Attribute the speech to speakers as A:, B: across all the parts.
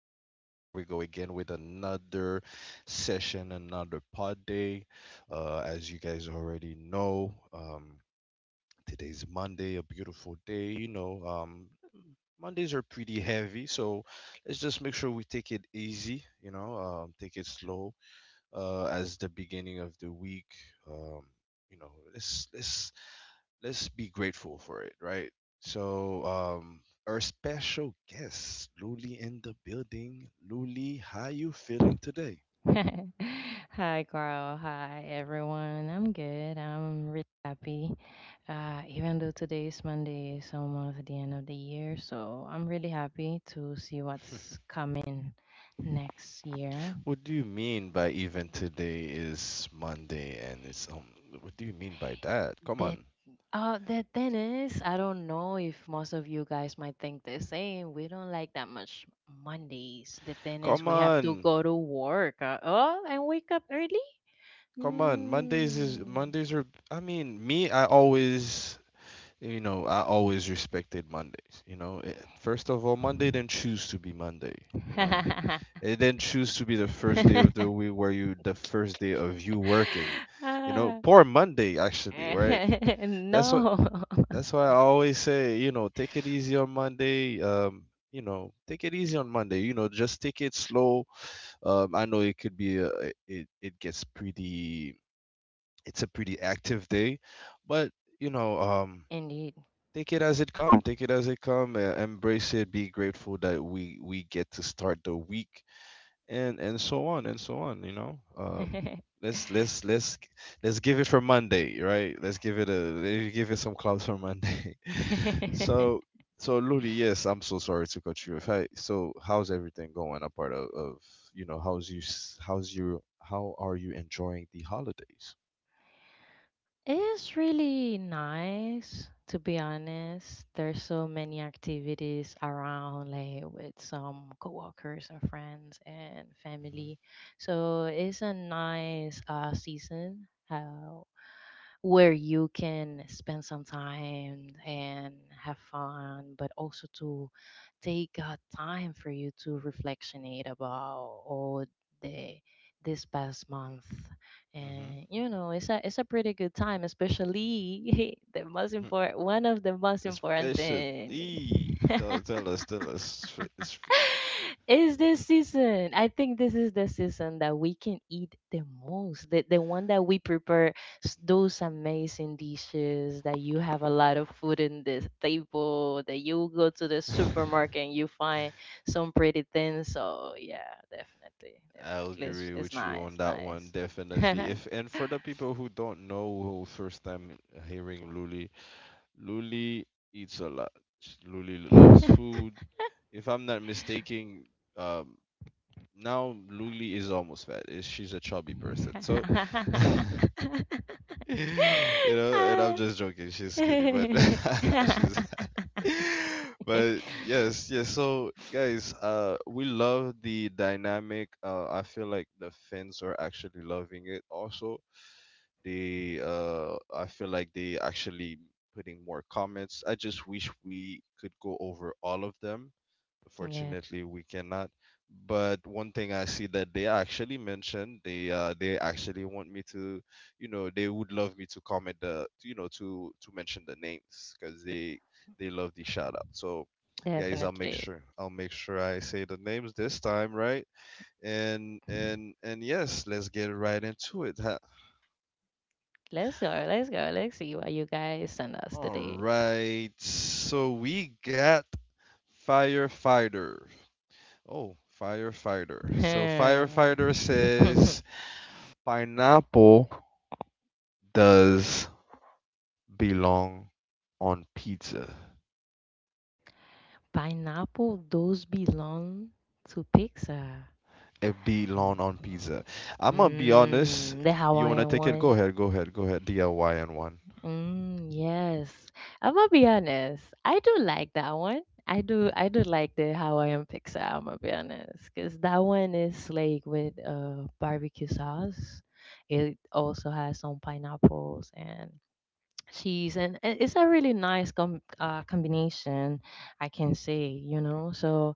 A: and here we go again with another session, another pod day. As you guys already know, today's Monday, a beautiful day. Mondays are pretty heavy, so let's just make sure we take it easy, take it slow as the beginning of the week. Um, you know, let's let's let's be grateful for it, right? So, um, our special guest, Luli, in the building. Luli, how you feeling today?
B: Hi, Carl. Hi, everyone. I'm good. I'm really happy. Even though today is Monday, it's almost the end of the year, so I'm really happy to see what's coming next year.
A: What do you mean by even today is Monday and it's? What do you mean by that? Come
B: That
A: on,
B: The thing is, I don't know if most of you guys might think the same. We don't like that much Mondays. The thing is,
A: come
B: we have to
A: on,
B: go to work. Oh, and wake up early.
A: come on. Mondays is
B: Hmm.
A: Mondays are. I mean, me, I always. You know, I always respected Mondays. You know, first of all, Monday didn't choose to be Monday. You know, it then choose to be the first day of the week where you the first day of you working. You know,
B: Ah,
A: poor Monday actually, right? That's what
B: no,
A: that's why I always say, you know, take it easy on Monday. You know, take it easy on Monday. You know, just take it slow. I know it could be it gets pretty it's a pretty active day, but you know, um
B: indeed.
A: take it as it come. Take it as it come. Embrace it. Be grateful that we get to start the week and so on and so on, let's let's let's g- let's give it for Monday, right? Let's give it some clouds for Monday. so so Ludi, yes, I'm so sorry to cut you if I so how's everything going apart of you know how's you s- how's you how are you enjoying the holidays?
B: It's really nice, to be honest. There's so many activities around, like with some coworkers and friends and
A: Hmm.
B: family. So it's a nice season. Where you can spend some time and have fun, but also to take time for you to reflectionate about all the this past month.
A: Hmm.
B: And you know, it's a pretty good time, especially the most important one of the most important thing.
A: Especially, tell us. It's.
B: It's the season. I think this is the season that we can eat the most. The one that we prepare those amazing dishes that you have a lot of food in this table, that you go to the supermarket and you find some pretty things. So yeah, definitely,
A: I'll
B: definitely. It's,
A: agree
B: it's
A: with you on
B: nice,
A: that one,
B: nice.
A: definitely. If and for the people who don't know, who first time hearing Luli, Luli eats a lot. Luli loves food. If I'm not mistaken, um, now Luli is almost fat. Is she's a chubby person. So you know, and I'm just joking. She's skinny, but
B: yeah.
A: she's. But yes, yes. So guys, we love the dynamic. I feel like the fans are actually loving it. Also, they I feel like they actually putting more comments. I just wish we could go over all of them. Fortunately, we cannot. But one thing I see that they actually mentioned, they actually want me to, you know, they would love me to comment the, you know, to mention the names because they love the shout out. So, guys,
B: Definitely.
A: I'll make sure I say the names this time, right? And yes, let's get right into it. Huh?
B: Let's go. Let's go. Let's see where you guys send us
A: All
B: today.
A: right, so we got firefighter. Oh, firefighter. So
B: Hmm.
A: firefighter says pineapple does belong on pizza.
B: Pineapple, those belong to Pixar.
A: It
B: Mm.
A: belong on pizza. I'm gonna be honest.
B: Mm, the
A: You wanna
B: Hawaiian
A: take it? Go
B: one.
A: ahead. Go ahead. Go ahead. DIY and one.
B: Mm, yes. I'm gonna be honest. I do like that one. I do like the Hawaiian pizza, I'm gonna be honest. 'Cause that one is like with barbecue sauce. It also has some pineapples and cheese and it's a really nice combination I can say, you know. So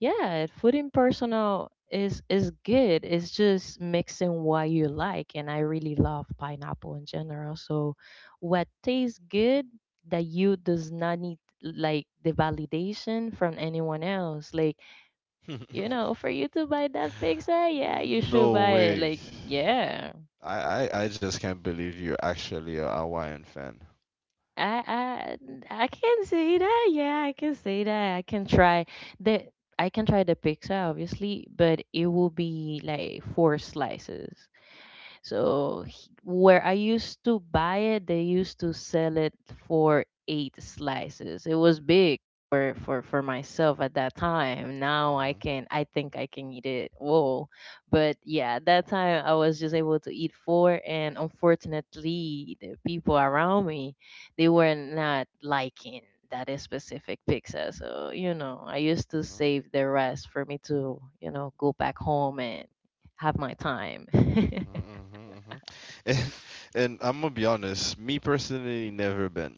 B: yeah, food in personal is good. It's just mixing what you like, and I really love pineapple in general. So what tastes good, that you does not need, like, the validation from anyone else. Like, you know, for you to buy that pizza, yeah, you should
A: No
B: buy it.
A: way.
B: Like, yeah,
A: I just can't believe you're actually a Hawaiian fan.
B: I I can say that. Yeah, I can say that. The I can try the pizza obviously, but it will be like four slices. So where I used to buy it, they used to sell it for eight slices. It was big for myself at that time. Now
A: Hmm.
B: I can I think I can eat it. Whoa! But yeah, at that time I was just able to eat four, and unfortunately the people around me, they were not liking that is specific pizza. So, you know, I used to
A: Hmm.
B: save the rest for me to, you know, go back home and have my time.
A: Mm-hmm, hmm. And and I'm gonna be honest, me personally never been.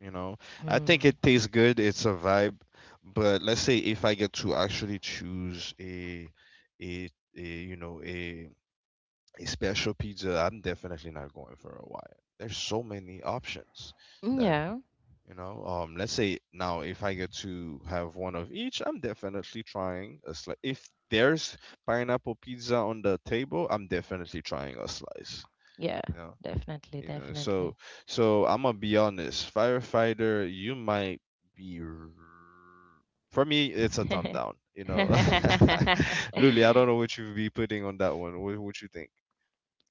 A: You know, I think
B: Mm.
A: it tastes good. It's a vibe, but let's say if I get to actually choose a, a you know a special pizza, I'm definitely not going for a Hawaiian. There's so many options that,
B: Yeah,
A: let's say now if I get to have one of each, I'm definitely trying a slice. If there's pineapple pizza on the table, I'm definitely trying a slice.
B: yeah,
A: You know,
B: definitely,
A: you know. So,
B: definitely.
A: so I'm gonna be honest, firefighter, you might be. R- For me, it's a thumb down. You know, Luli, I don't know what you'd be putting on that one. What you think?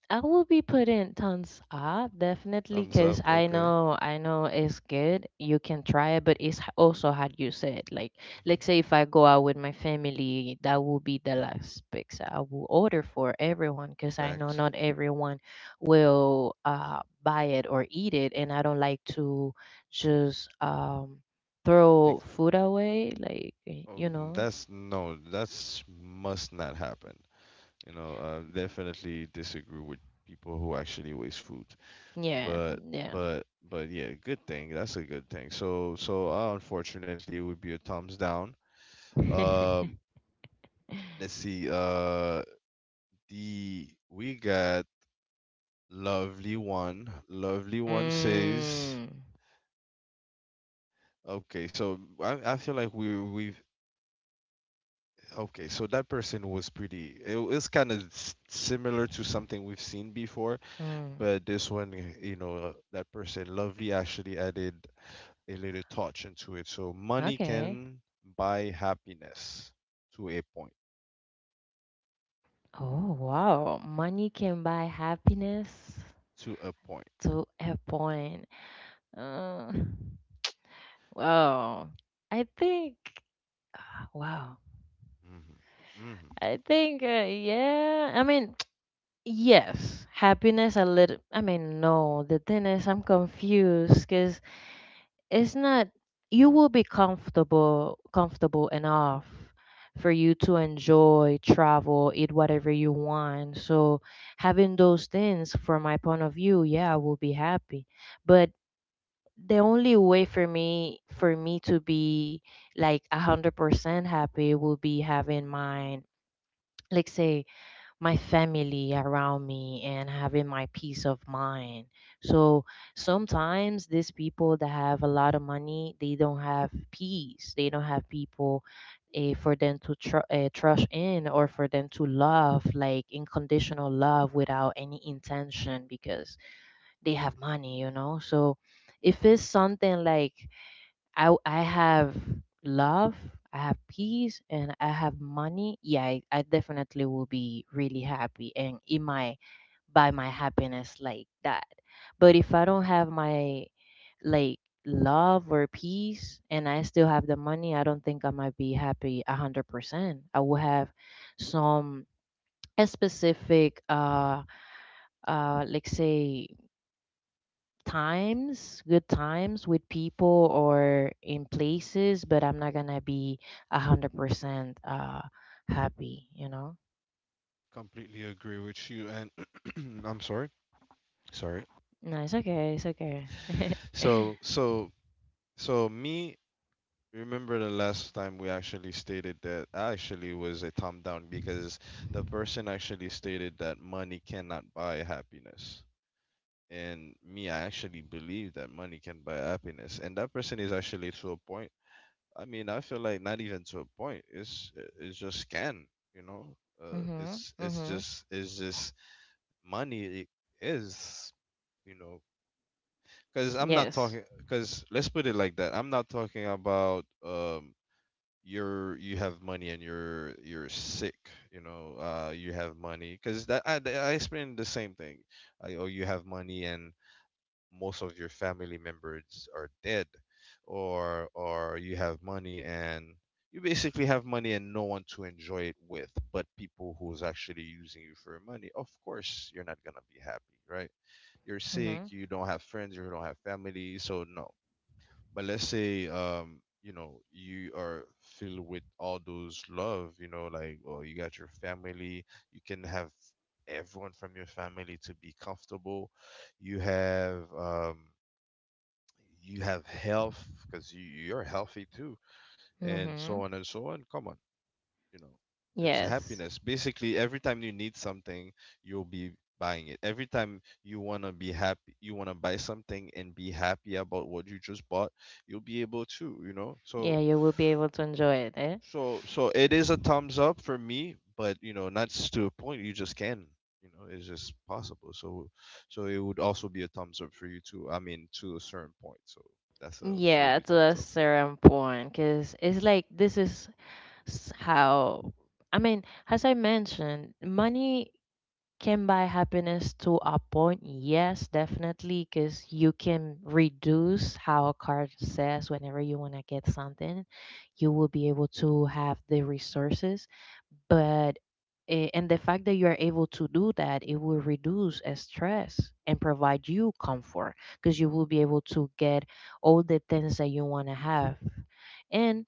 B: I will be putting tons up definitely
A: Thumbs up.
B: because
A: Okay.
B: I know it's good. You can try it, but it's also how you said. Like,
A: Hmm.
B: let's say if I go out with my family, that will be the last pizza I will order for everyone because I know
A: Facts.
B: not everyone will buy it or eat it, and I don't like to just
A: Take
B: throw food away. Like
A: Oh,
B: you know,
A: that's no, that's must not happen. You know, definitely disagree with people who actually waste food.
B: yeah,
A: But
B: yeah.
A: but yeah, good thing. That's a good thing. So so unfortunately, it would be a thumbs down. Um, let's see. The we got lovely one. Lovely one says.
B: mm,
A: Okay, so I feel like we we've okay, so that person was pretty. It was kind of similar to something we've seen before,
B: mm,
A: but this one, you know, that person, Lovely, actually added a little touch into it. So money
B: okay.
A: can buy happiness to a point.
B: Oh, wow. Money can buy happiness
A: To a point.
B: to a point. Uh, wow. I think, wow.
A: Mm-hmm. Mm-hmm.
B: Yeah. I mean, yes, happiness a little. I mean, no. The thing is, I'm confused because it's not, you will be comfortable enough for you to enjoy, travel, eat whatever you want. So having those things, from my point of view, yeah, I will be happy. But the only way for me to be like 100% happy will be having my, like say, my family around me and having my peace of mind. So sometimes these people that have a lot of money, they don't have peace. They don't have people, for them to trust in, or for them to love, like unconditional love without any intention because they have money, you know? So if it's something like I have love, I have peace, and I have money. Yeah, I definitely will be really happy and it might buy my happiness like that. But if I don't have my, like, love or peace, and I still have the money, I don't think I might be happy 100%. I will have some a specific like say times, good times with people or in
A: Mm-hmm. Hmm.
B: places, but I'm not gonna be 100% happy, you know?
A: Completely agree with you. And I'm sorry. Sorry.
B: No, it's okay, it's okay.
A: So, so, so me, remember the last time we actually stated that actually was a thumb down because the person actually stated that money cannot buy happiness. And me, I actually believe that money can buy happiness. And that person is actually to a point. I mean, I feel like not even to a point. It's just can, you know.
B: mm-hmm. Mm-hmm.
A: It's just money is, you know, because I'm not
B: Yes.
A: talking. Because let's put it like that. I'm not talking about you're you have money and you're sick, you know, you have money because that I explained the same thing. I, or you have money and most of your family members are dead, or you have money and you basically have money and no one to enjoy it with, but people who's actually using you for money, of course you're not gonna be happy, right? You're sick,
B: Mm-hmm.
A: you don't have friends, you don't have family, so no. But let's say, you know, you are filled with all those love, you know, like, well, you got your family, you can have everyone from your family to be comfortable. You have, um, you have health because you're healthy too, and
B: Mm-hmm.
A: so on and so on. Come on, you know, it's
B: Yes.
A: happiness basically every time you need something you'll be buying it, every time you want to be happy you want to buy something and be happy about what you just bought, you'll be able to, you know.
B: Yeah,
A: So
B: you will be able to enjoy it, eh?
A: so so it is a
B: Mm.
A: thumbs up for me, but you know, not to a point, you just can, you know, it's just possible. So so it would also be a thumbs up for you too, I mean, to a certain point. So that's a
B: Yeah,
A: fully
B: to
A: thumbs
B: a
A: up for
B: certain point, because it's like this is s- how I mean, as I mentioned, money can buy happiness to a point, yes, definitely, because you can reduce how a card says. Whenever you want to get something, you will be able to have the resources. But and the fact that you are able to do that, it will reduce stress and provide you comfort because you will be able to get all the things that you want to have, and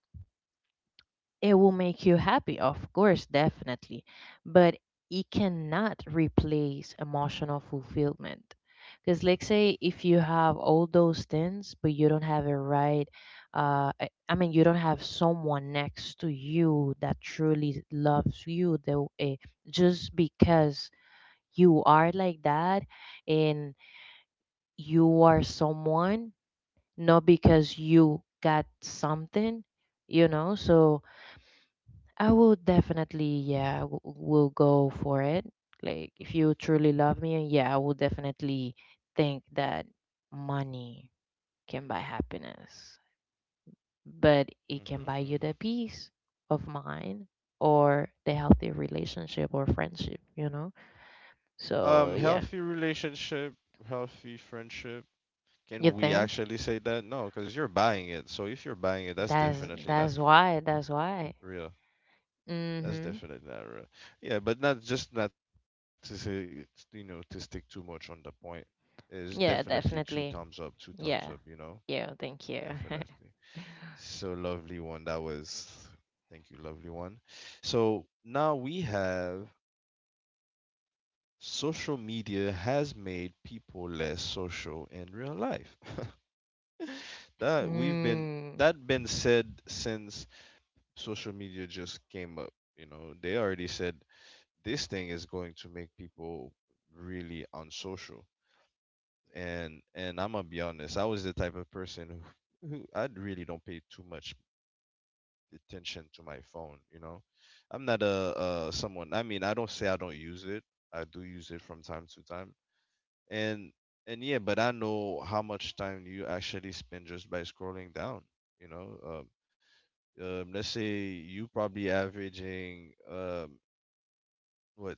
B: it will make you happy, of course, definitely, but it cannot replace emotional fulfillment. Because, like,
A: you.
B: say, if you have all those things, but you don't have a right, I mean, you don't have someone next to you that truly loves you, just because you are like that, and you are someone, not because you got something, you know? So, I will definitely, yeah, will go for it. Like, if you truly love me, yeah, I will definitely think that money can buy happiness, but it
A: Mm-hmm.
B: can
A: Hmm.
B: buy
A: Hmm.
B: you the peace of mind, or the healthy relationship or friendship, you know? So, yeah,
A: Healthy relationship, healthy friendship. Can
B: you
A: we
B: think?
A: actually say that? No, because you're buying it. So if you're buying it, that's definitely not
B: That's why, that's why.
A: real. That's
B: Mm-hmm.
A: definitely not real. Yeah, but not just not to say, you know, to stick too much on the point. Is definitely
B: Yeah,
A: two thumbs up,
B: definitely.
A: two thumbs up. You
B: Yeah.
A: know,
B: Yeah, thank you.
A: definitely. So lovely one. That was, thank you, lovely one. So now we have social media has made people less social in real life. That we've been,
B: Mm.
A: that been said since social media just came up. You know, they already said this thing is going to make people really unsocial. And I'm gonna be honest, I was the type of person who I really don't pay too much attention to my phone. You know, I'm not someone. I mean, I don't say I don't use it. I do use it from time to time, and and yeah, but I know how much time you actually spend just by scrolling down. You know, let's say you probably averaging what,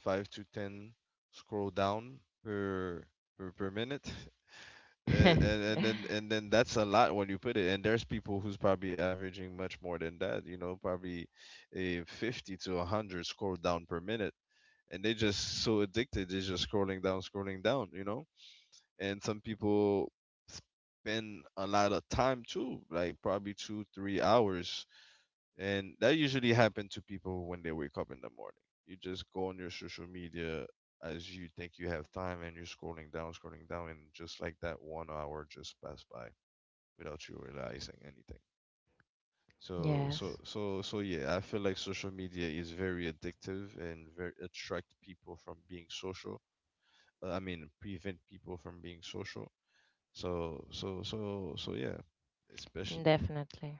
A: 5 to 10 scroll down per per minute. And then that's a lot when you put it, and there's people who's probably averaging much more than that, you know, probably a 50 to 100 scroll down per minute, and they just so addicted, they're just scrolling down, scrolling down, you know. And some people spend a lot of time too, like probably 2 3 hours, and that usually happens to people when they wake up in the morning. You just go on your social media as you think you have time and you're scrolling down, and just like that, one hour just passed by without you realizing anything. So, so,
B: Yes,
A: so, so, yeah, I feel like social media is very addictive and very attract people from being social. I mean, prevent people from being social. So, yeah, especially
B: definitely.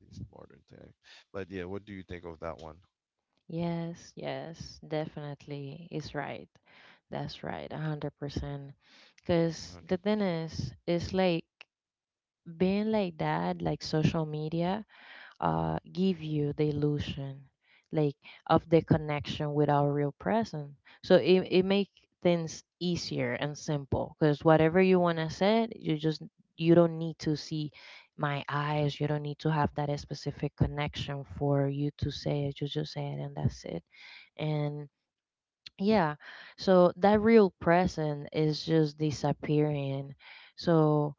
A: in these modern times. But yeah, what do you think of that one?
B: Yes, yes, definitely is right. That's right, 100%. Because the thing
A: 100%.
B: is, it's like being like that, like social media, give you the illusion like of the connection with our real present. So it makes things easier and simple, because whatever you
A: Mhm.
B: want to say you just, you don't need to see my eyes, you don't need to have that specific connection for you to say it, you just say it and that's it. And yeah, so that real present is just disappearing. So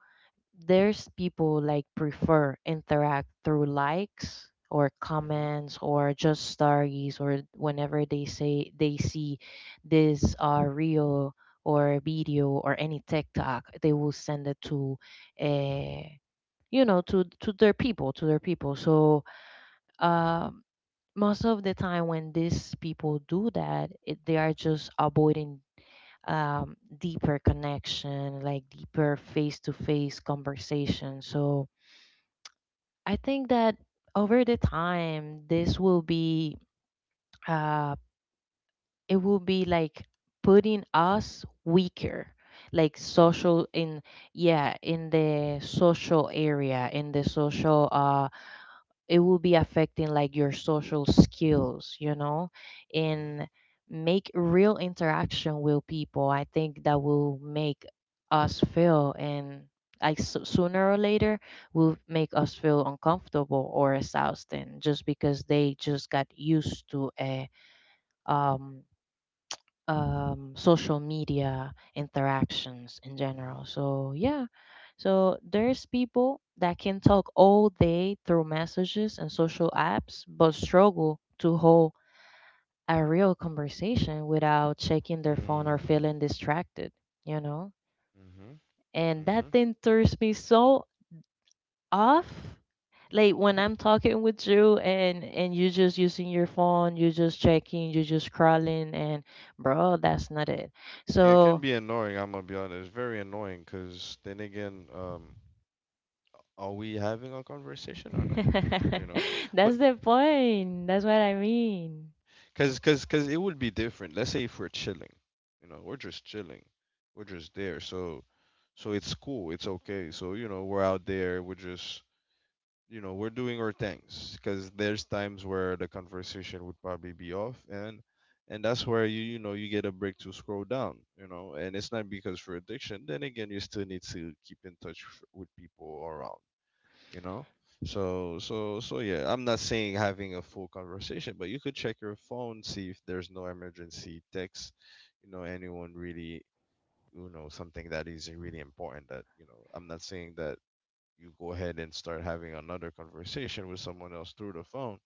B: there's people like prefer interact through likes or
A: Mhm.
B: comments or just stories, or whenever they say they see this reel or video or any TikTok, they will send it to uh you know, to their people, to their people. So um most of the time when these people do that, they are just avoiding deeper connection, like deeper face to face conversation. So I think that over the time, this will uh, it will be like putting us weaker, like
A: Mm.
B: social in, yeah, in the social area, in the social it will be affecting like your social skills, you know.
A: Mhm.
B: And make real interaction with people, I think that will make us feel, and like sooner or later will make us feel uncomfortable or exhausted, just because they just got used to a um social media interactions in
A: Mhm.
B: general. So yeah, so there's people that can talk all day through messages and social apps, but struggle to hold a real conversation without checking their phone or
A: Mm.
B: feeling distracted. You know,
A: Mhm.
B: and that
A: Mhm.
B: thing throws me so off, like when I'm talking with you and you just using your phone, you just checking, you just scrolling, and bro, that's not it.
A: Yeah, it can
B: So
A: be annoying. I'm gonna be honest. It's very annoying because then again, are we having a conversation or not? You know, but
B: that's the point. That's what I mean.
A: because it would be different. Let's say if we're chilling, you know, we're just chilling, we're just there. So so it's cool. It's okay. So you know, we're out there. We're just you know, we're doing our things because there's times where the conversation would probably be off, and that's where you get a break to scroll down, and it's not because for addiction. Then again, you still need to keep in touch with people around, you know. So yeah, I'm not saying having a full conversation, but you could check your phone, see if there's no emergency text, anyone really something that is really important that I'm not saying that you go ahead and start having another conversation with someone else through the phone.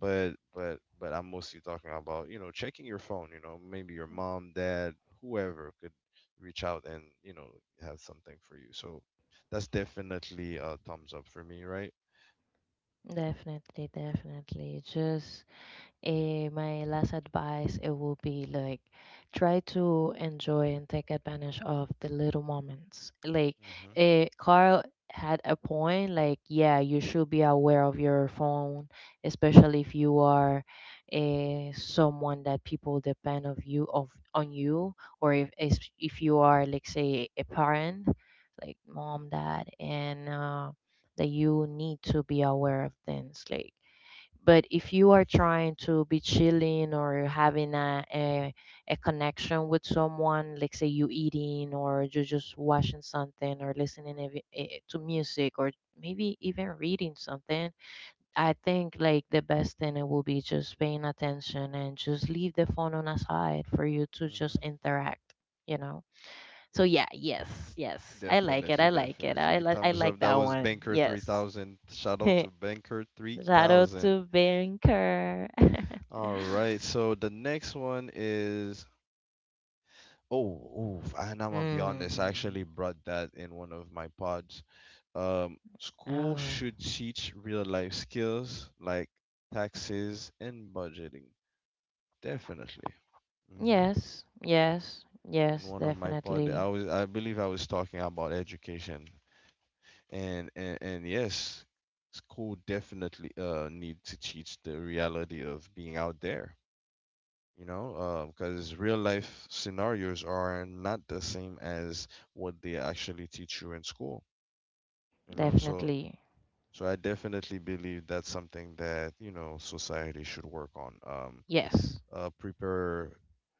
A: But I'm mostly talking about checking your phone, maybe your mom, dad, whoever could reach out and have something for you. So that's definitely a thumbs up for me, right?
B: Definitely, definitely. My last advice it will be like, try to enjoy and take advantage of the little moments. Like,
A: Mm. Mhm.
B: Carl had a point. Like, yeah, you should be aware of your phone, especially if you are someone that people depend of you of on you, or if you are like say a parent, like mom, dad, and that you need to be aware of things like, but if you are trying to be chilling or having a connection with someone, like say you eating, or you're just watching something or listening to music, or maybe even reading something, I think like the best thing it will be just paying attention and just leave the phone on aside for you to
A: Mm.
B: just
A: Mhm.
B: interact, you know. So yeah, yes, yes, I like it.
A: Definitely,
B: I like it.
A: definitely.
B: I
A: Thumbs
B: like
A: up. That
B: that
A: was
B: one.
A: Banker
B: Yes.
A: 3000. Shout out to Banker
B: Shout out
A: 3000.
B: to Banker.
A: All right. So the next one is oh, oof. And I'm gonna be honest, I
B: Mm.
A: actually brought that in one of my pods. School
B: oh,
A: should teach real life skills like taxes and budgeting. Definitely. Hmm.
B: yes, yes,
A: In
B: yes,
A: one of my pod,
B: definitely,
A: I believe I was talking about education, and yes, school definitely need to teach the reality of being out there. You know, because real life scenarios are not the same as what they actually teach you in school, you know.
B: definitely,
A: So I definitely believe that's something that society should work on.
B: yes,
A: Prepare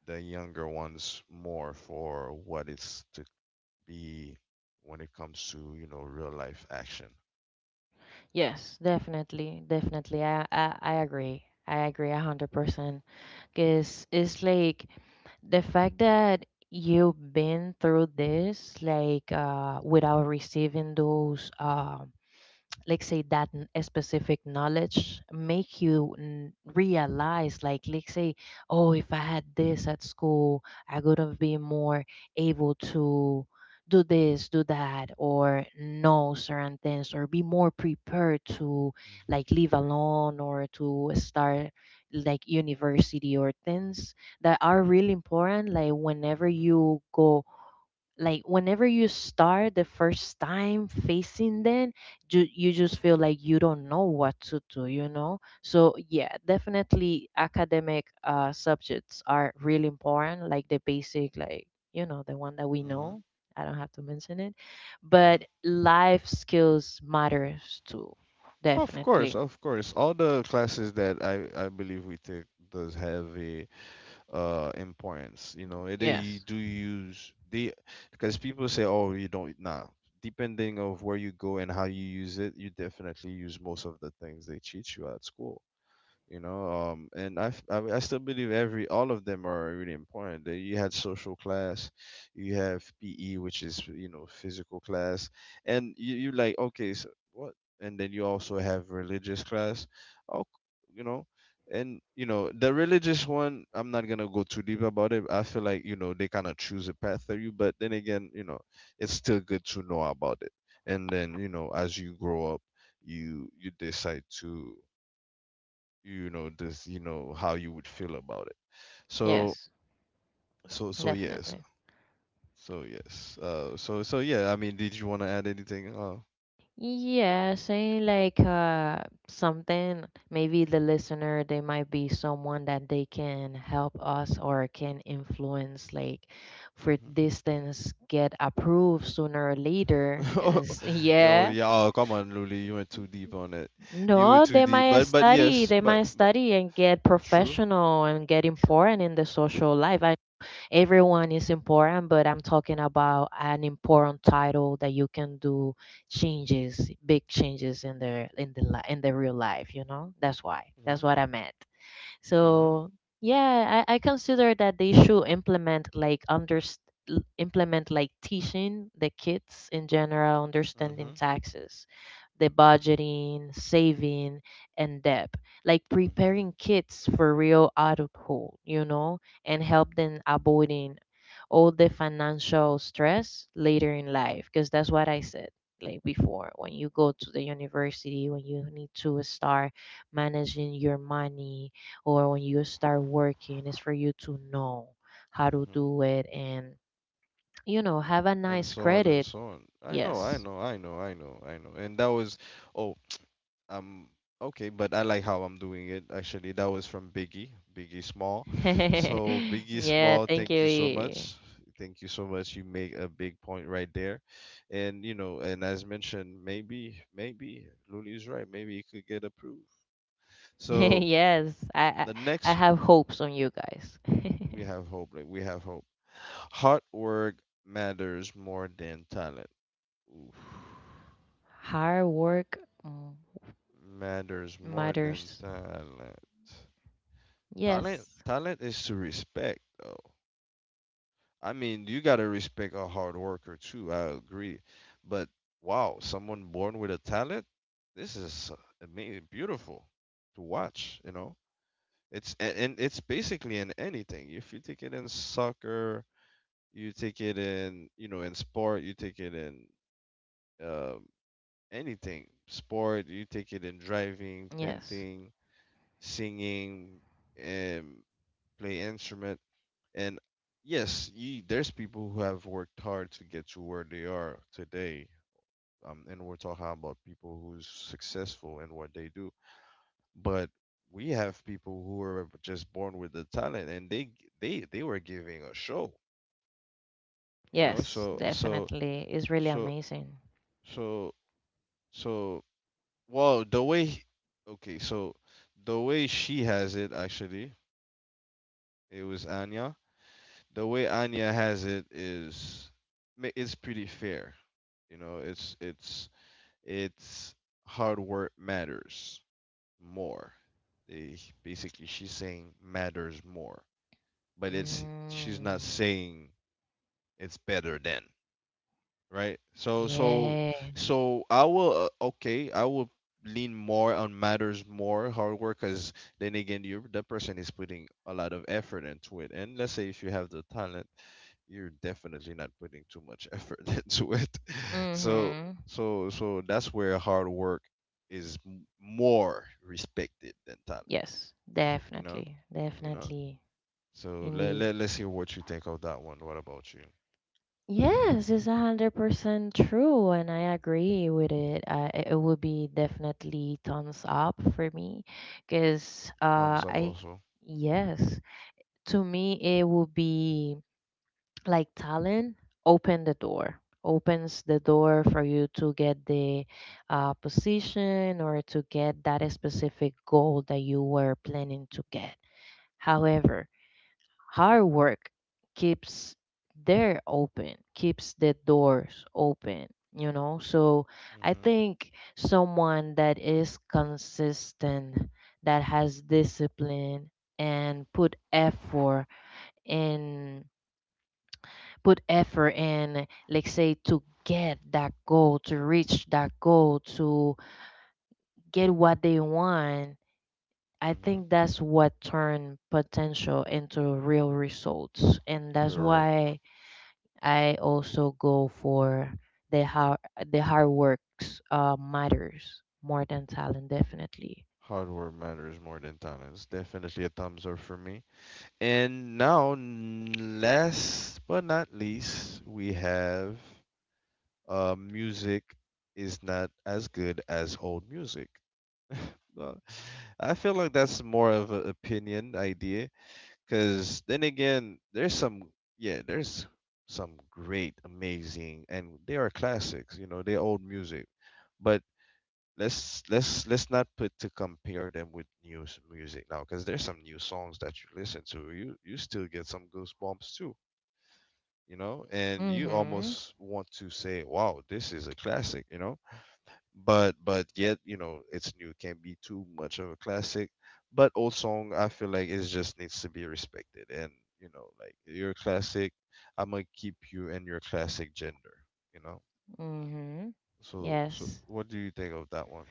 A: the younger ones more for what it's to be when it comes to real life action.
B: yes, definitely, definitely. I agree. I agree 100%. Cause it's like the fact that you've been through this, without receiving a specific knowledge make you realize like say oh, if I had this at school, I could have been more able to do this, do that, or know certain things, or be more prepared to
A: Mhm,
B: like live alone, or to start like university or things that are really important, like whenever
A: mhm,
B: you go, like whenever you start the first time facing them, you just feel like you don't know what to do, you know. So yeah, definitely academic subjects are really important, like the basic, like you know the one that we
A: mhm,
B: know, I don't have to mention it. But
A: mhm.
B: life skills matters too.
A: Of
B: Definitely.
A: course, of course. All the classes that I believe we take does have a importance. You know, they
B: Yes,
A: do use they, because people say, oh, you don't, nah, depending of where you go and how you use it, you definitely use most of the things they teach you at school, you know. And I, f- I still believe every all of them are really important. They- you had social class, you have PE, which is you know physical class, and you like, okay, so what? And then you also have religious class. Oh, you know. And you know the religious one, I'm not gonna go too deep about it. I feel like, you know, they kind of choose a path for you, but then again, you know, it's still good to know about it. And then, you know, as you grow up, you decide to, you know, this you know how you would feel about it. so
B: yes,
A: so so yes.
B: definitely.
A: So yes, so yeah, I mean, did you want to add anything?
B: Yeah, say like something, maybe the listener, they might be someone that they can help us or can influence like for these things get approved sooner or later,
A: Mhm.
B: 'cause
A: Yo,
B: yeah.
A: yeah, oh, come on, Luli, you went too deep on it. You were
B: No,
A: too
B: they
A: deep
B: might
A: but
B: study,
A: yes,
B: they
A: but
B: might
A: but
B: study and get
A: true,
B: professional and get
A: true.
B: important in the social life. I everyone is important, but I'm talking about an important title that you can do changes, big changes in in the real life. You know, that's why.
A: Yeah,
B: That's what I meant.
A: yeah.
B: So yeah, I consider that they should implement like teaching the kids in general, understanding
A: Mhm,
B: taxes, the budgeting, saving, and debt. Like
A: mhm,
B: preparing kids for real adulthood, you know, and help them avoiding all the financial stress later in life, because that's what I said like before, when you go to the university, when you need to start managing your money, or when you start working, it's for you to know how to
A: mhm.
B: do it, and you know, have a
A: And
B: nice
A: so on and
B: credit.
A: so on. I know, I
B: Yes.
A: know, I know, I know, I know. And that was, oh, Um, okay, but I like how I'm doing it actually. That was from Biggie, Biggie Small. So, Biggie
B: Yeah,
A: Small,
B: thank you,
A: thank you so
B: E.
A: much. Thank you so much. You make a big point right there. And, you know, and as mentioned, maybe, maybe Luli is right. Maybe it could get approved. So,
B: Yes, I
A: the
B: I
A: next,
B: have hopes on you guys.
A: we have hope. Like, we have hope. Hard work matters more than talent. Oof.
B: Hard work. mm,
A: Matters more than
B: Matters.
A: talent. Talent,
B: Yes.
A: talent is to respect, though. I mean, you gotta respect a hard worker too. I agree, but wow, someone born with a talent, this is amazing, beautiful to watch. You know, it's, and it's basically in anything. If you take it in soccer, you take it in, you know, in sport, you take it in, um, anything. Sport, you take it in driving,
B: Yes.
A: painting, singing, um, play instrument. And yes, you, there's people who have worked hard to get to where they are today. And we're talking about people who's successful in what they do. But we have people who are just born with the talent, and they were giving a show, you know.
B: Yes,
A: So so
B: definitely. It's really
A: so
B: amazing.
A: so so well, the way Okay, so the way she has it actually, it was Anya, the way Anya has it is it's pretty fair. You know, it's hard work matters more. They, basically, she's saying matters more, but it's, she's not
B: Mm,
A: saying it's better than, right? So so
B: yeah.
A: so I will, okay, I will lean more on matters more hard work, because then again, you that person is putting a lot of effort into it. And let's say if you have the talent, you're definitely not putting too much effort into it. So
B: Mm-hmm.
A: so that's where hard work is more respected than talent,
B: Yes,
A: you know?
B: definitely.
A: You know.
B: Definitely.
A: So let,
B: Indeed.
A: let's hear what you think of that one. What about you?
B: Yes, it's 100% true, and I agree with it. I, it would be definitely thumbs up for me, because
A: Thumbs up
B: I
A: also.
B: yes, to me it would be like talent opens the door for you to get the position or to get that specific goal that you were planning to get. However, hard work keeps there open keeps the doors open, you know. So I
A: Mhm.
B: think someone that is consistent, that has discipline and put effort in, like say to get that goal, to reach that goal, to get what they want. I
A: Mhm.
B: think that's what turned potential into real results. And that's
A: Correct.
B: why I also go for the hard the hard works matters more than talent. Definitely.
A: Hardware matters more than talent. It's definitely a thumbs up for me. And now, last but not least, we have music is not as good as old music. Uh, I feel like that's more of an opinion idea, because then again, there's some, yeah, there's some great, amazing, and they are classics. You know, they're old music, but let's not put to compare them with new music now, because there's some new songs that you listen to, you still get some goosebumps too, you know. And you
B: Mhm.
A: almost want to say, wow, this is a classic, you know. But yet, you know, it's new, can be too much of a classic. But old song, I feel like, it just needs to be respected and, you know, like your classic. I'm gonna keep you in your classic gender, you know.
B: Mhm.
A: So
B: Yes.
A: what do you think of that one?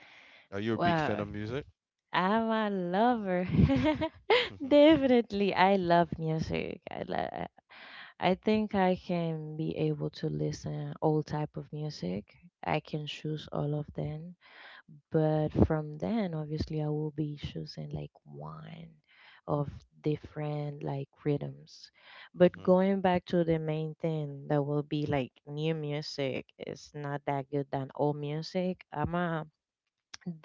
A: Are you a big fan
B: Wow.
A: of music?
B: I'm a lover. Definitely, I love music. I think I can be able to listen all type of music. I can choose all of them, but from then, obviously, I will be choosing like one of different like rhythms. But
A: Mhm.
B: going back to the main thing, that will be like new music is not that good than old music. I'm a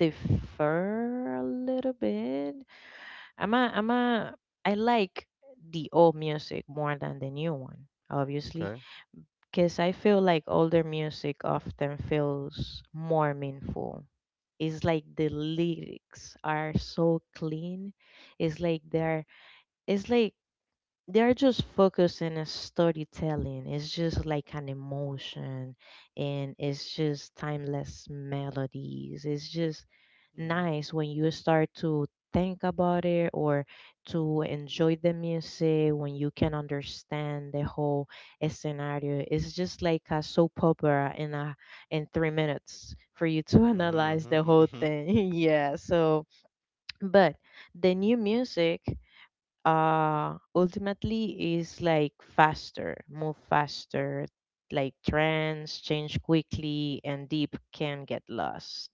B: Defer a little bit. I'm a I like the old music more than the new one, obviously,
A: Okay.
B: because I feel like older music often feels more meaningful. It's like the lyrics are so clean. It's like they're it's like they're just focusing on storytelling. It's just like an emotion, and it's just timeless melodies. It's just
A: Mhm.
B: nice when you start to think about it or to enjoy the music when you can understand the whole scenario. It's just like a soap opera in 3 minutes for you to
A: Mhm.
B: analyze the
A: Mhm. Mhm.
B: whole
A: Mhm.
B: thing. Yeah. So but the new music ultimately is like faster move faster, like trends change quickly and deep can get lost.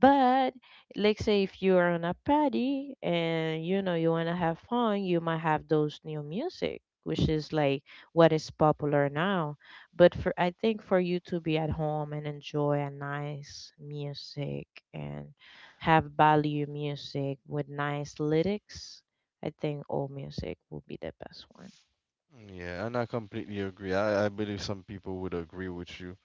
B: But let's say if you are on a party and you know you want to have fun, you might have those new music, which is like what is popular now. But for I think for you to be at home and enjoy a nice music and have value music with nice lyrics, I think old music will be the best
A: Yeah, and I completely agree. I believe some people would agree with you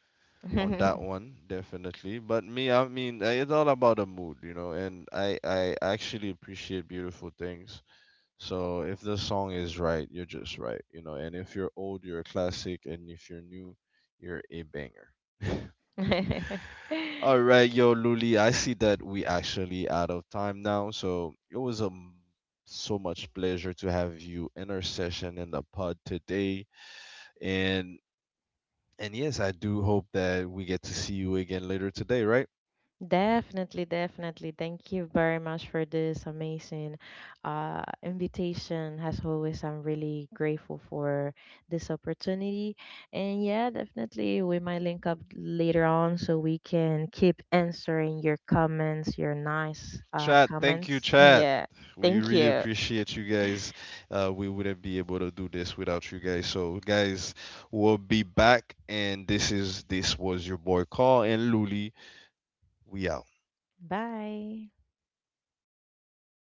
A: on that
B: one.
A: one, definitely. But me, I mean, it's all about the mood, you know. And I actually appreciate beautiful things. So if the song is right, you're just right, you know. And if you're old, you're a classic, and if you're new, you're a banger. All right, yo, Luli, I see that we actually out of time now, so it was so much pleasure to have you in our session in the pod today. And and yes, I do hope that we get to see you again later today, right?
B: Definitely, definitely. Thank you very much for this amazing invitation. As always, I'm really grateful for this opportunity. And yeah, definitely, we might link up later on so we can keep answering your comments, your nice
A: Chat, thank you,
B: comments.
A: chat.
B: Yeah.
A: We
B: Thank
A: really
B: you.
A: appreciate you guys. We wouldn't be able to do this without you guys. So, guys, we'll be back. And this was your boy Carl and Luli. We out.
B: Bye.